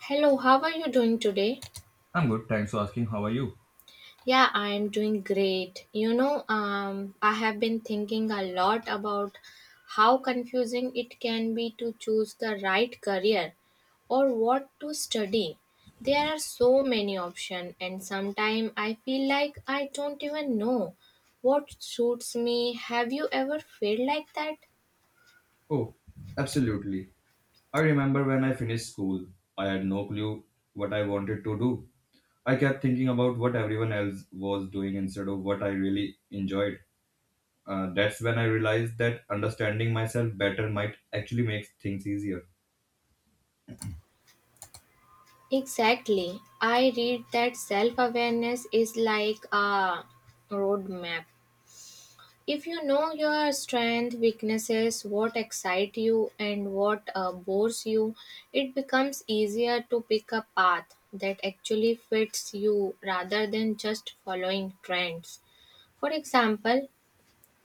Hello, how are you doing today? I'm good, thanks for asking. How are you? Yeah, I am doing great. I have been thinking a lot about how confusing it can be to choose the right career or what to study. There are so many options, and sometimes I feel like I don't even know what suits me. Have you ever felt like that? Oh, absolutely. I remember when I finished school, I had no clue what I wanted to do. I kept thinking about what everyone else was doing instead of what I really enjoyed. That's when I realized that understanding myself better might actually make things easier. Exactly. I read that self awareness is like a roadmap. If you know your strength, weaknesses, what excites you and what bores you, it becomes easier to pick a path that actually fits you rather than just following trends. For example,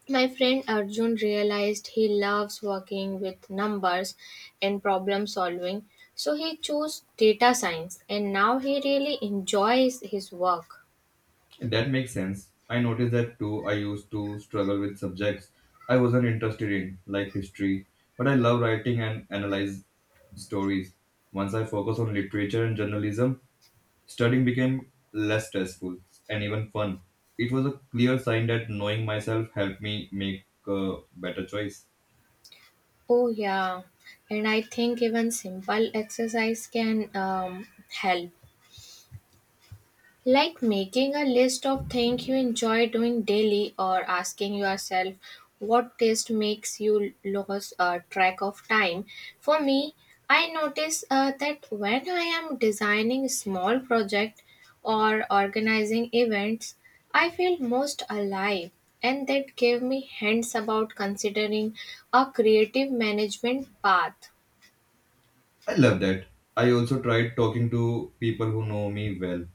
my friend Arjun realized he loves working with numbers and problem solving, so he chose data science and now he really enjoys his work. That makes sense. I noticed that too. I used to struggle with subjects I wasn't interested in, like history, but I love writing and analyze stories. Once I focus on literature and journalism, studying became less stressful and even fun. It was a clear sign that knowing myself helped me make a better choice. Oh, yeah. And I think even simple exercise can help. Like making a list of things you enjoy doing daily or asking yourself what taste makes you lose track of time. For me, I notice that when I am designing small project or organizing events, I feel most alive and that gave me hints about considering a creative management path. I love that. I also tried talking to people who know me well,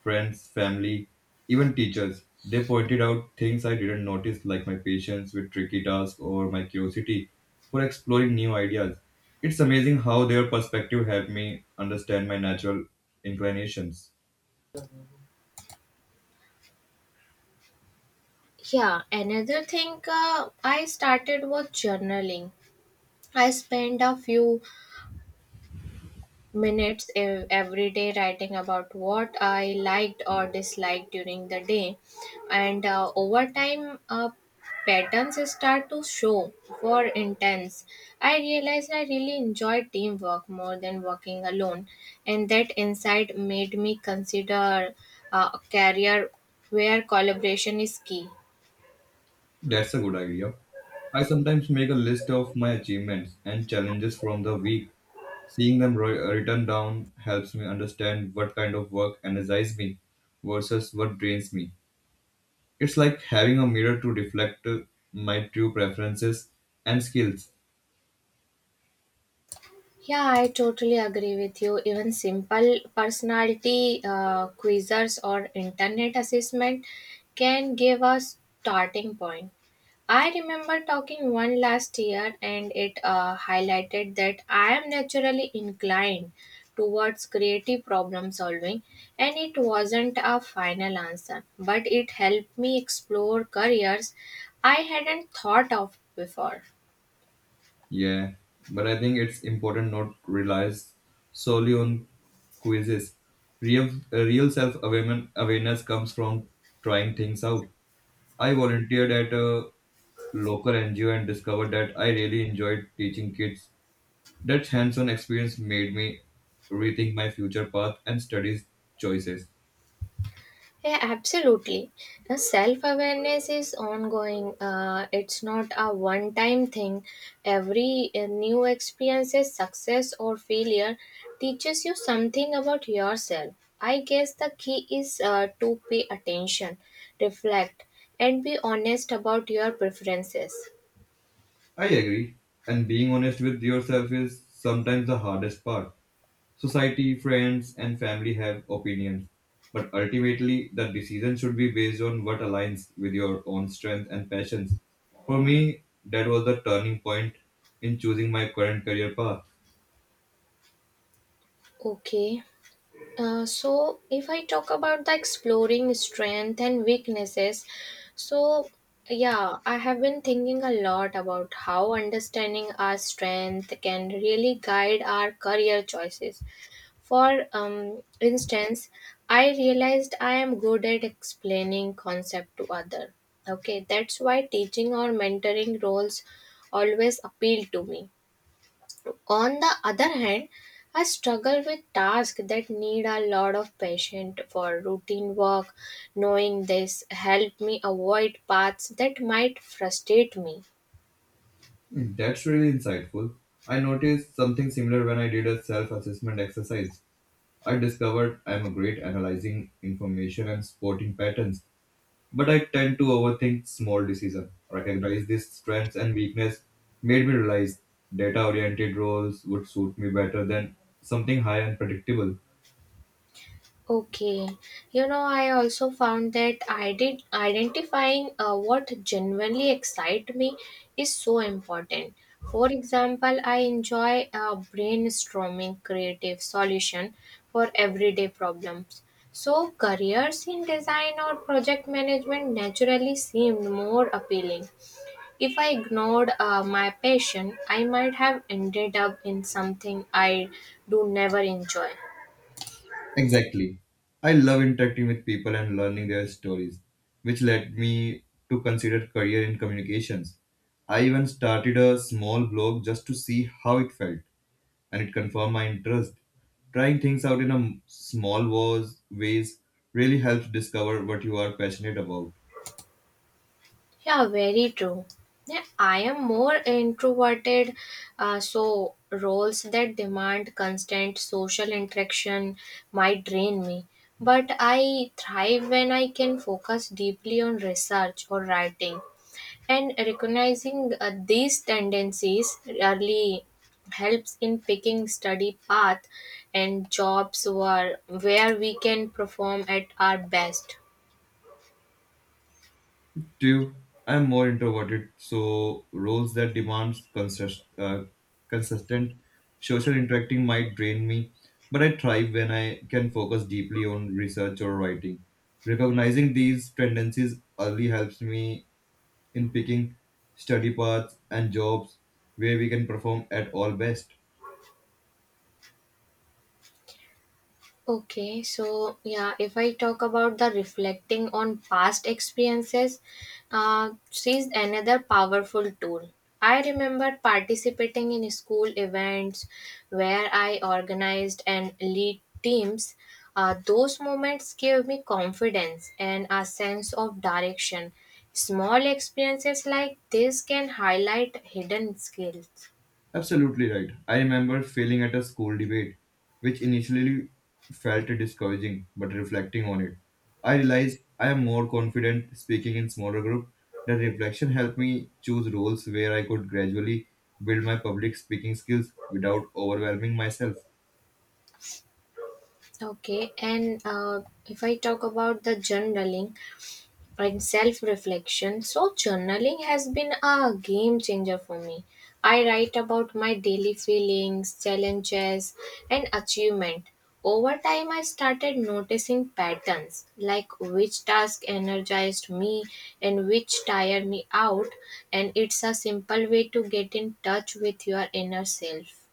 friends, family, even teachers. They pointed out things I didn't notice, like my patience with tricky tasks or my curiosity for exploring new ideas. It's amazing how their perspective helped me understand my natural inclinations. Yeah, another thing I started was journaling. I spend a few minutes every day writing about what I liked or disliked during the day, and over time, patterns start to show. For intense, I realized I really enjoy teamwork more than working alone, and that insight made me consider a career where collaboration is key. That's a good idea. I sometimes make a list of my achievements and challenges from the week. Seeing them written down helps me understand what kind of work energizes me versus what drains me. It's like having a mirror to reflect my true preferences and skills. Yeah, I totally agree with you. Even simple personality quizzes or internet assessment can give a starting point. I remember talking one last year and it highlighted that I am naturally inclined towards creative problem solving and it wasn't a final answer but it helped me explore careers I hadn't thought of before. Yeah, but I think it's important not to rely solely on quizzes. Real self awareness comes from trying things out. I volunteered at a local NGO and discovered that I really enjoyed teaching kids. That hands on experience made me rethink my future path and studies choices. Yeah, absolutely. Self awareness is ongoing. It's not a one time thing. Every new experiences, success or failure, teaches you something about yourself. I guess the key is to pay attention, reflect, and be honest about your preferences. I agree, and being honest with yourself is sometimes the hardest part. Society, friends, and family have opinions, but ultimately, the decision should be based on what aligns with your own strength and passions. For me, that was the turning point in choosing my current career path. Okay. So if I talk about the exploring strength and weaknesses, so yeah, I have been thinking a lot about how understanding our strength can really guide our career choices. For instance, I realized I am good at explaining concept to other. Okay, that's why teaching or mentoring roles always appeal to me on the other hand, I struggle with tasks that need a lot of patience for routine work. Knowing this helped me avoid paths that might frustrate me. That's really insightful. I noticed something similar when I did a self assessment exercise. I discovered I'm great analyzing information and spotting patterns, but I tend to overthink small decisions. Recognize these strengths and weakness made me realize data oriented roles would suit me better than something high and predictable. Okay, you know, I also found that I did identifying what genuinely excite me is so important. For example, I enjoy brainstorming creative solution for everyday problems. So careers in design or project management naturally seemed more appealing. If I ignored my passion, I might have ended up in something I do never enjoy. Exactly. I love interacting with people and learning their stories, which led me to consider career in communications. I even started a small blog just to see how it felt, and it confirmed my interest. Trying things out in a small was ways really helps discover what you are passionate about. Yeah, very true. Yeah, I am more introverted, so roles that demand constant social interaction might drain me. But I thrive when I can focus deeply on research or writing. And recognizing these tendencies early helps in picking study path and jobs where we can perform at our best. Two, I'm more introverted, so roles that demands consistent social interacting might drain me, but I thrive when I can focus deeply on research or writing. Recognizing these tendencies early helps me in picking study paths and jobs where we can perform at all best. Okay, so yeah, if I talk about the reflecting on past experiences, she's another powerful tool. I remember participating in school events where I organized and lead teams. Those moments gave me confidence and a sense of direction. Small experiences like this can highlight hidden skills. Absolutely right. I remember failing at a school debate, which initially felt discouraging, but reflecting on it, I realized I am more confident speaking in smaller group. That reflection helped me choose roles where I could gradually build my public speaking skills without overwhelming myself. Okay, and if I talk about the journaling, and self reflection. So, journaling has been a game changer for me. I write about my daily feelings, challenges, and achievement. Over time, I started noticing patterns like which task energized me and which tired me out, and it's a simple way to get in touch with your inner self.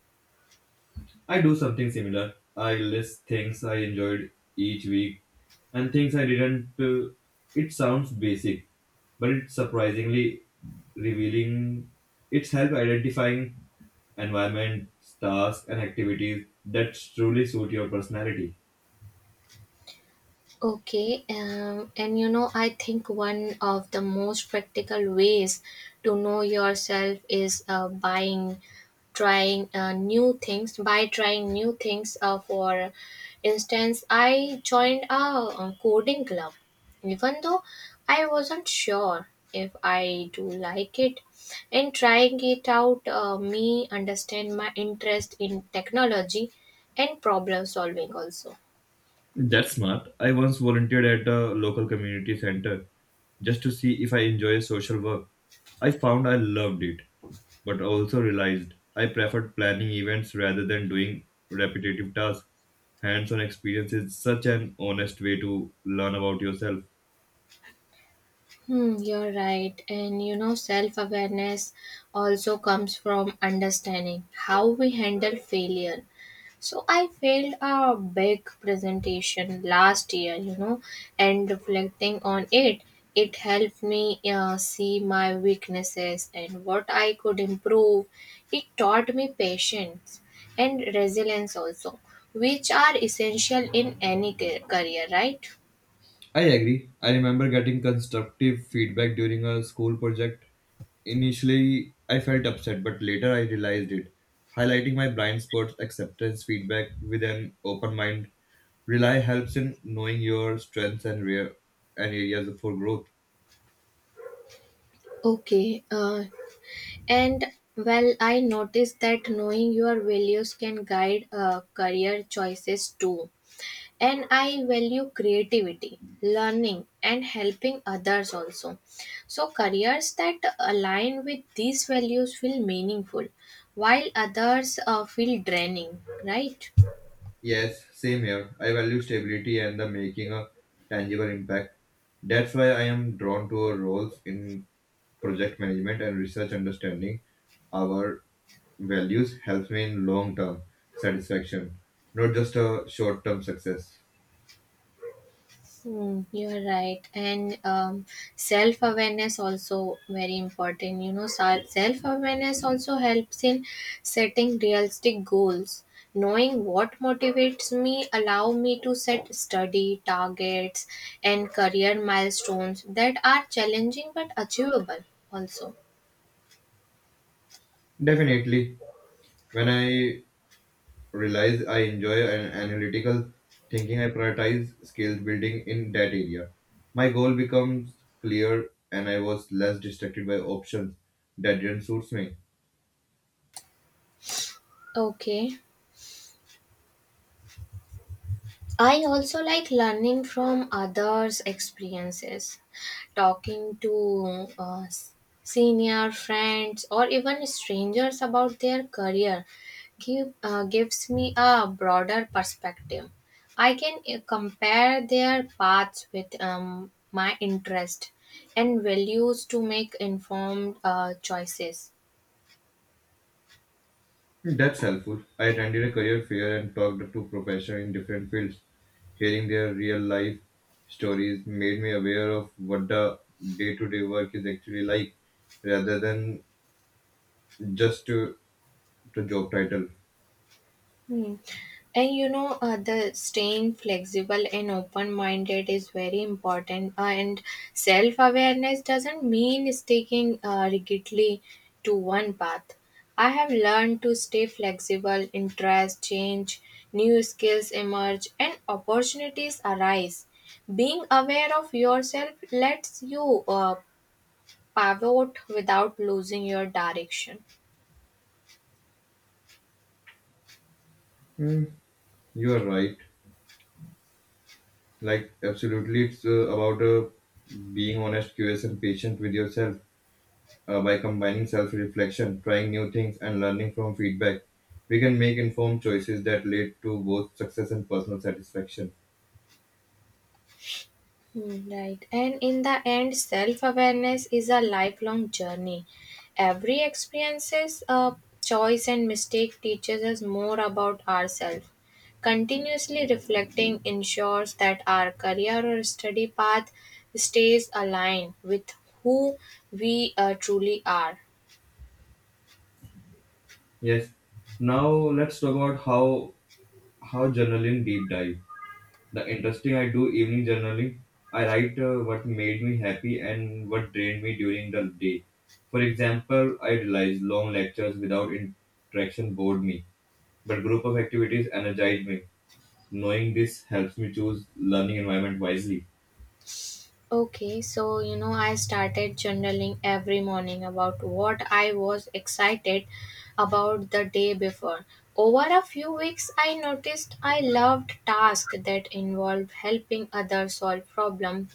I do something similar. I list things I enjoyed each week and things I didn't. It sounds basic, but it's surprisingly revealing. It's help identifying environments, tasks, and activities that truly suit your personality. Okay, and you know, I think one of the most practical ways to know yourself is buying, trying new things, by trying new things. For instance, I joined a coding club, even though I wasn't sure if I do like it. In trying it out, me understand my interest in technology and problem solving also. That's smart. I once volunteered at a local community center just to see if I enjoy social work. I found I loved it, but also realized I preferred planning events rather than doing repetitive tasks. Hands on experience is such an honest way to learn about yourself. Hmm, you're right. And you know, self awareness also comes from understanding how we handle failure. So, I failed a big presentation last year, you know, and reflecting on it, it helped me see my weaknesses and what I could improve. It taught me patience and resilience also, which are essential in any career, right? I agree. I remember getting constructive feedback during a school project. Initially, I felt upset, but later I realized it. Highlighting my blind spots, acceptance feedback with an open mind, rely helps in knowing your strengths and rare and areas for growth. Okay, And well, I noticed that knowing your values can guide career choices too. And I value creativity, learning, and helping others also. So, careers that align with these values feel meaningful, while others feel draining, right? Yes, same here. I value stability and the making a tangible impact. That's why I am drawn to roles in project management and research understanding our values helps me in long term satisfaction, not just a short term success. Hmm, you're right. And self awareness also very important. You know, self awareness also helps in setting realistic goals. Knowing what motivates me allow me to set study targets and career milestones that are challenging but achievable also. Definitely, when I realize I enjoy an analytical thinking, I prioritize skills building in that area. My goal becomes clear and I was less distracted by options that didn't suit me. Okay. I also like learning from others' experiences, talking to senior friends or even strangers about their career gives me a broader perspective. I can compare their paths with my interest and values to make informed choices. That's helpful. I attended a career fair and talked to professionals in different fields. Hearing their real life stories made me aware of what the day to day work is actually like rather than just to, to job title. Hmm. And you know, the staying flexible and open minded is very important. And self awareness doesn't mean sticking rigidly to one path. I have learned to stay flexible, interest change, new skills emerge, and opportunities arise. Being aware of yourself lets you pivot without losing your direction. Hmm, you are right. Like, absolutely, it's about being honest, curious, and patient with yourself. By combining self reflection, trying new things, and learning from feedback, we can make informed choices that lead to both success and personal satisfaction. Hmm, right. And in the end, self awareness is a lifelong journey. Every experiences, choice, and mistake teaches us more about ourselves. Continuously reflecting ensures that our career or study path stays aligned with who we truly are. Yes. Now let's talk about how journaling deep dive. The interesting I do evening journaling. I write what made me happy and what drained me during the day. For example, I realized long lectures without interaction bored me, but group of activities energized me. Knowing this helps me choose learning environment wisely. Okay, so you know, I started journaling every morning about what I was excited about the day before. Over a few weeks, I noticed I loved tasks that involved helping others solve problems,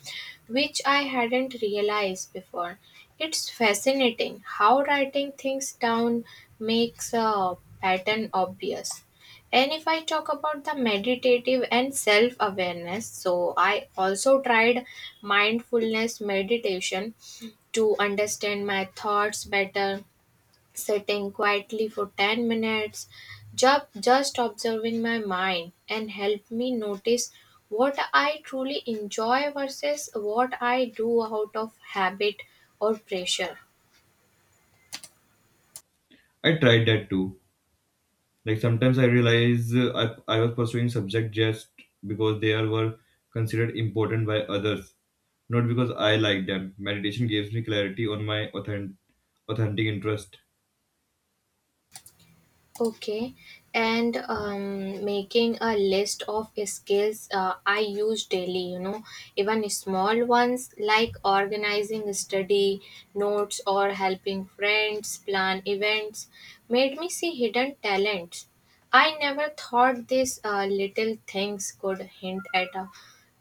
which I hadn't realized before. It's fascinating how writing things down makes a pattern obvious. And if I talk about the meditative and self awareness, so I also tried mindfulness meditation to understand my thoughts better, sitting quietly for 10 minutes, just observing my mind and help me notice what I truly enjoy versus what I do out of habit or pressure. I tried that too. Like sometimes I realize I was pursuing subject just because were considered important by others. Not because I like them. Meditation gives me clarity on my authentic interest. Okay, and making a list of skills I use daily, you know, even small ones like organizing study notes or helping friends plan events made me see hidden talents. I never thought these little things could hint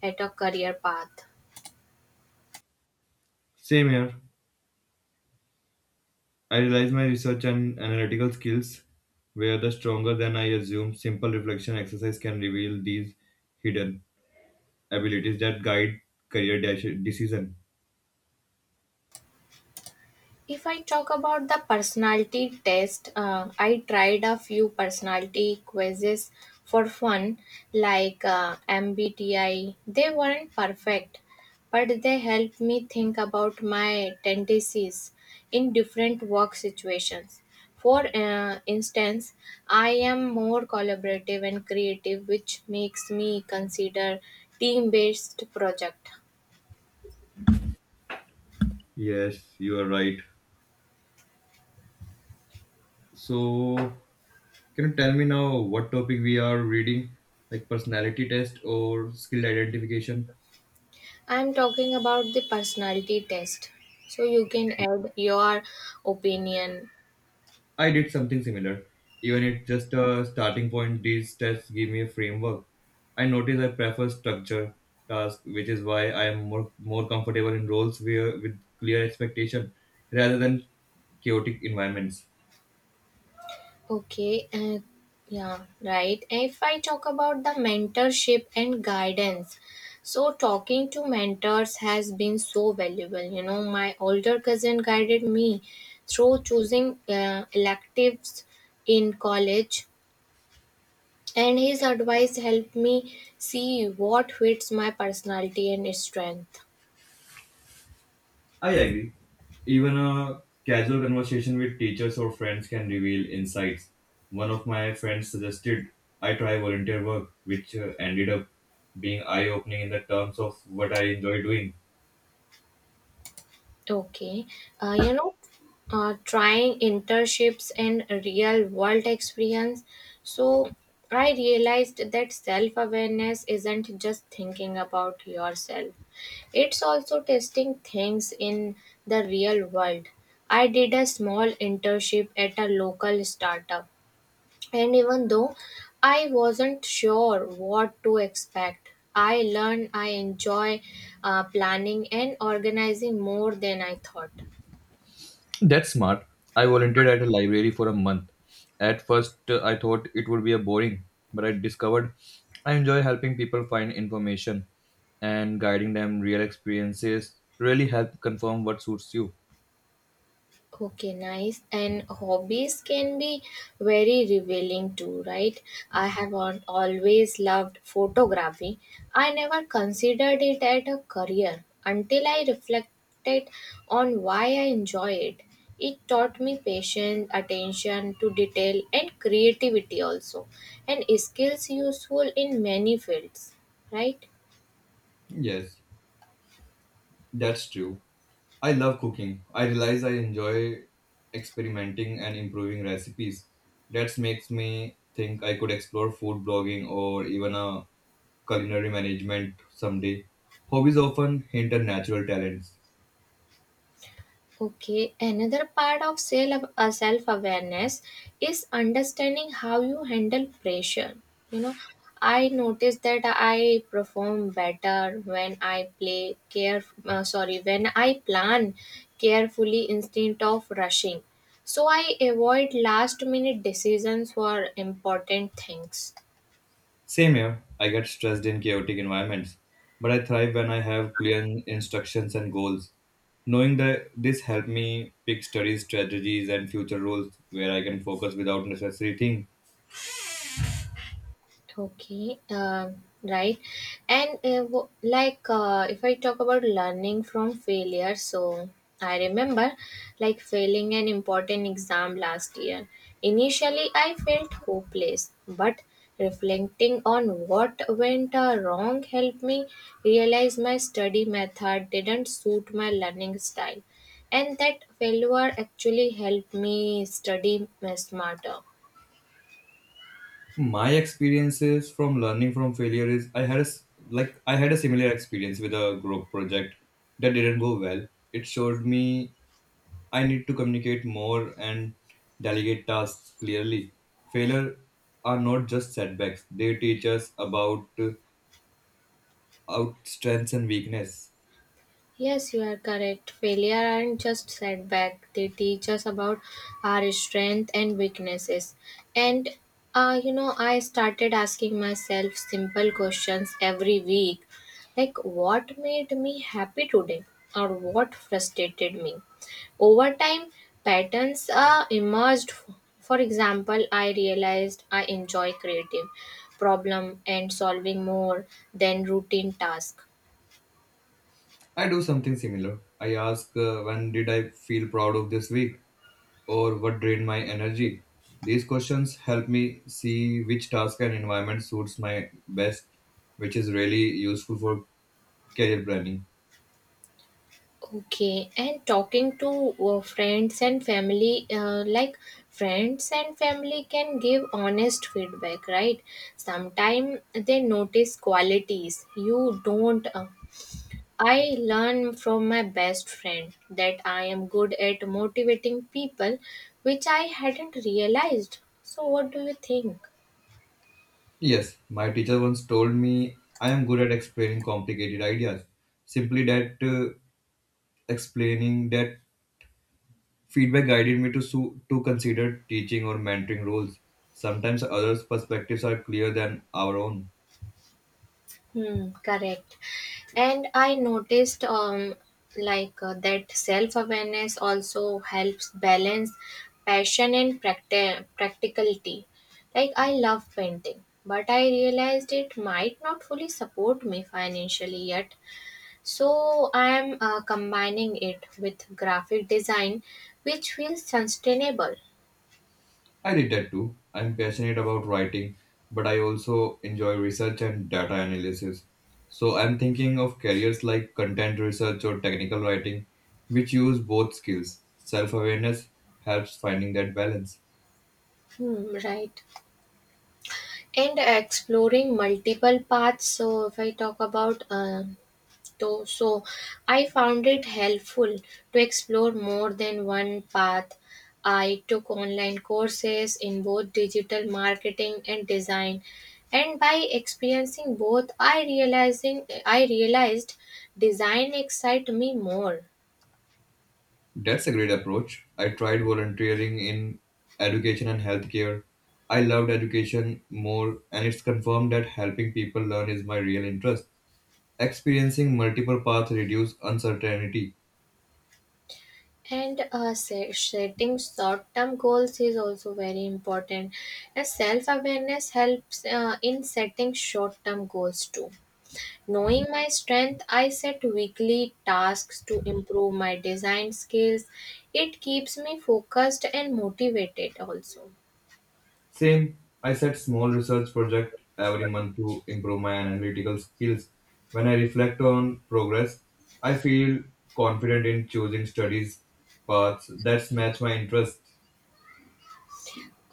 at a career path. Same here. I realized my research and analytical skills were the stronger than I assumed. Simple reflection exercise can reveal these hidden abilities that guide decision. If I talk about the personality test, I tried a few personality quizzes for fun, like MBTI. They weren't perfect, but they helped me think about my tendencies in different work situations. For instance, I am more collaborative and creative, which makes me consider team based project. Yes, you are right. So, can you tell me now what topic we are reading, like personality test or skill identification? I'm talking about the personality test. So you can add your opinion. I did something similar. Even it's just a starting point, these tests give me a framework. I notice I prefer structure tasks, which is why I am more comfortable in roles where, with clear expectation rather than chaotic environments. Okay. Yeah, right. If I talk about the mentorship and guidance, so talking to mentors has been so valuable. You know, my older cousin guided me through choosing electives in college, and his advice helped me see what fits my personality and strength. I agree. Even a casual conversation with teachers or friends can reveal insights. One of my friends suggested I try volunteer work, which ended up being eye opening in the terms of what I enjoy doing. Okay, you know, trying internships and real world experience. So I realized that self awareness isn't just thinking about yourself, it's also testing things in the real world. I did a small internship at a local startup and even though I wasn't sure what to expect, I learned I enjoy planning and organizing more than I thought. That's smart. I volunteered at a library for a month. At first, I thought it would be a boring, but I discovered I enjoy helping people find information and guiding them real experiences really help confirm what suits you. Okay, nice. And hobbies can be very revealing too, right? I have always loved photography. I never considered it as a career until I reflected on why I enjoy it. It taught me patience, attention to detail, and creativity also, and skills useful in many fields, right? Yes, that's true. I love cooking. I realize I enjoy experimenting and improving recipes. That makes me think I could explore food blogging or even a culinary management someday. Hobbies often hint at natural talents. Okay, another part of self awareness is understanding how you handle pressure. You know, I notice that I perform better when I plan carefully instead of rushing. So I avoid last minute decisions for important things. Same here, I get stressed in chaotic environments, but I thrive when I have clear instructions and goals. Knowing that this helped me pick studies, strategies, and future roles where I can focus without necessary thing. Okay, right. And if I talk about learning from failure, so I remember like failing an important exam last year. Initially, I felt hopeless, but reflecting on what went wrong helped me realize my study method didn't suit my learning style, and that failure actually helped me study smarter. My experiences from learning from failure is I had a similar experience with a group project that didn't go well. It showed me I need to communicate more and delegate tasks clearly. Failure are not just setbacks; they teach us about out strengths and weakness. Yes, you are correct. Failure aren't just setback. They teach us about our strength and weaknesses. And you know, I started asking myself simple questions every week, like what made me happy today, or what frustrated me. Over time, patterns emerged. For example, I realized I enjoy creative problem and solving more than routine tasks. I do something similar. I ask, when did I feel proud of this week? Or what drained my energy? These questions help me see which task and environment suits my best, which is really useful for career planning. Okay, and talking to friends and family, like friends and family can give honest feedback, right? Sometimes they notice qualities you don't. I learn from my best friend that I am good at motivating people, which I hadn't realized. So, what do you think? Yes, my teacher once told me I am good at explaining complicated ideas. Simply that explaining that Feedback guided me to consider teaching or mentoring roles. Sometimes others' perspectives are clearer than our own. Hmm, correct. And I noticed that self-awareness also helps balance passion and practicality. Like I love painting, but I realized it might not fully support me financially yet. So I am combining it with graphic design, which feels sustainable. I did that too. I'm passionate about writing, but I also enjoy research and data analysis. So I'm thinking of careers like content research or technical writing, which use both skills. Self awareness helps finding that balance. Hmm, right. And exploring multiple paths. So, if I talk about though, so I found it helpful to explore more than one path. I took online courses in both digital marketing and design, and by experiencing both, I realized design excites me more. That's a great approach. I tried volunteering in education and healthcare. I loved education more, and it's confirmed that helping people learn is my real interest. Experiencing multiple paths reduces uncertainty. And setting short term goals is also very important, and self awareness helps in setting short term goals too. Knowing my strength, I set weekly tasks to improve my design skills. It keeps me focused and motivated also. Same, I set small research project every month to improve my analytical skills. When I reflect on progress, I feel confident in choosing studies paths that match my interest.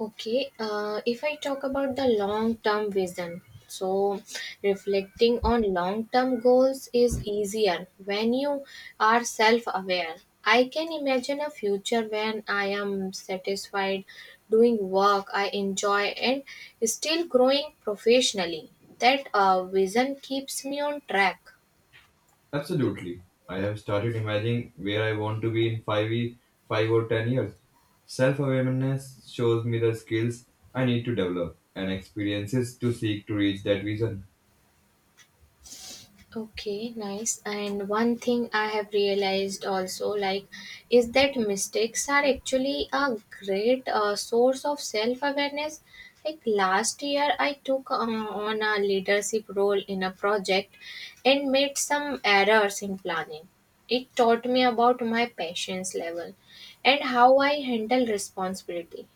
Okay, if I talk about the long term vision, so reflecting on long term goals is easier when you are self aware. I can imagine a future when I am satisfied doing work I enjoy and still growing professionally. That vision keeps me on track. Absolutely. I have started imagining where I want to be in 5 or 10 years. Self awareness shows me the skills I need to develop and experiences to seek to reach that vision. Okay, nice. And one thing I have realized also, like, is that mistakes are actually a great source of self awareness. Like, last year, I took on a leadership role in a project and made some errors in planning. It taught me about my patience level and how I handle responsibility.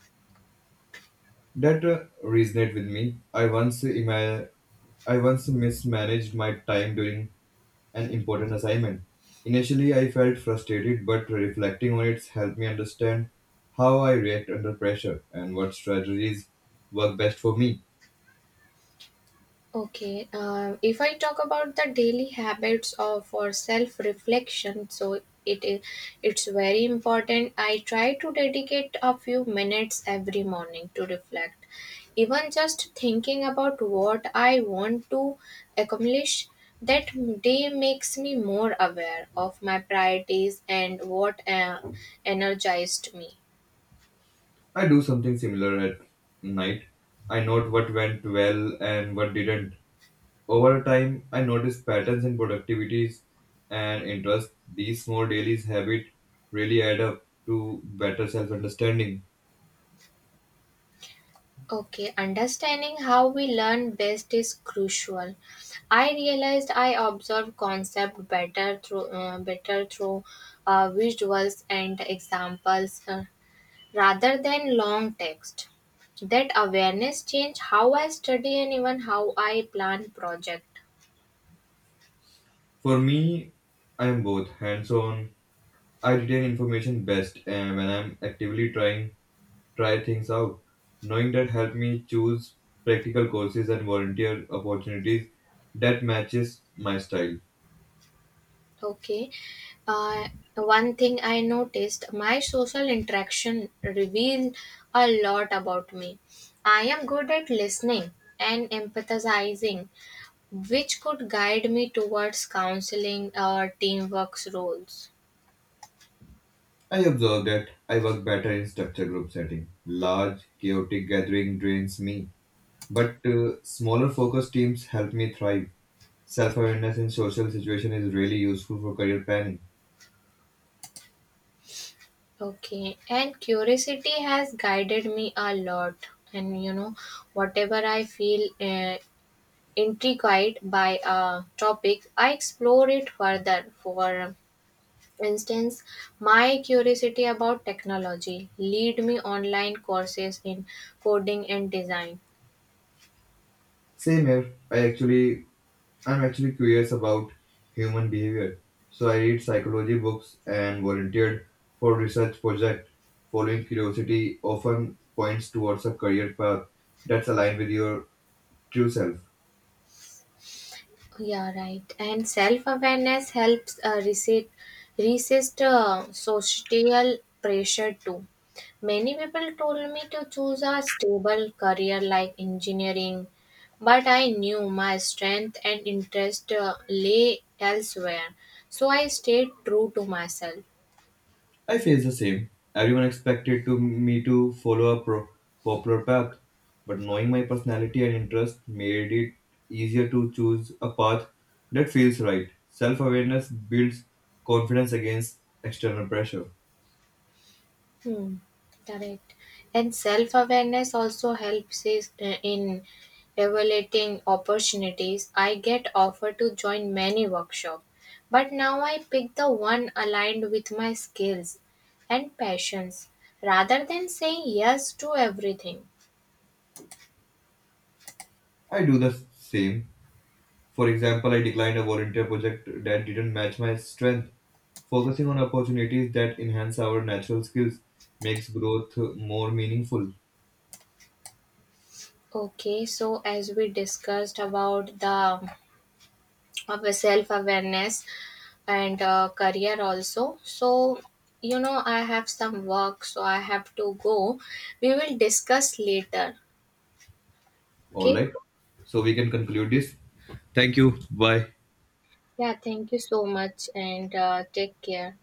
That resonate with me. I once mismanaged my time during an important assignment. Initially, I felt frustrated, but reflecting on it helped me understand how I react under pressure and what strategies work best for me. Okay, if I talk about the daily habits of for self reflection, so it is it's very important. I try to dedicate a few minutes every morning to reflect. Even just thinking about what I want to accomplish that day makes me more aware of my priorities and what energized me. I do something similar at night. I note what went well and what didn't. Over time, I notice patterns in productivities and interest. These small daily habits really add up to better self understanding. Okay, understanding how we learn best is crucial. I realized I observe concept better through visuals and examples rather than long text. That awareness changed how I study and even how I plan project. For me, I am both hands on. I retain information best and when I'm actively try things out. Knowing that helped me choose practical courses and volunteer opportunities that matches my style. Okay. Uh, one thing I noticed my social interaction reveal a lot about me. I am good at listening and empathizing, which could guide me towards counseling or teamwork roles. I observe that I work better in structured group setting. Large, chaotic gathering drains me, but smaller focused teams help me thrive. Self-awareness in social situation is really useful for career planning. Okay, and curiosity has guided me a lot. And you know, whatever I feel intrigued by a topic, I explore it further for. For instance, my curiosity about technology lead me online courses in coding and design. Same here. I'm actually curious about human behavior, so I read psychology books and volunteered for research project. Following curiosity often points towards a career path that's aligned with your true self. Yeah, right, and self-awareness helps resist social pressure too. Many people told me to choose a stable career like engineering, but I knew my strength and interest lay elsewhere, so I stayed true to myself. I face the same. Everyone expected to me to follow a popular path, but knowing my personality and interest made it easier to choose a path that feels right. Self-awareness builds confidence against external pressure. Hmm, correct. And self awareness also helps is, in evaluating opportunities. I get offered to join many workshops, but now I pick the one aligned with my skills and passions rather than saying yes to everything. I do the same. For example, I declined a volunteer project that didn't match my strength. Focusing on opportunities that enhance our natural skills makes growth more meaningful. Okay, so as we discussed about the of self awareness and career also, so you know I have some work, so I have to go. We will discuss later. All Okay. right. So we can conclude this. Thank you. Bye. Yeah, thank you so much, and take care.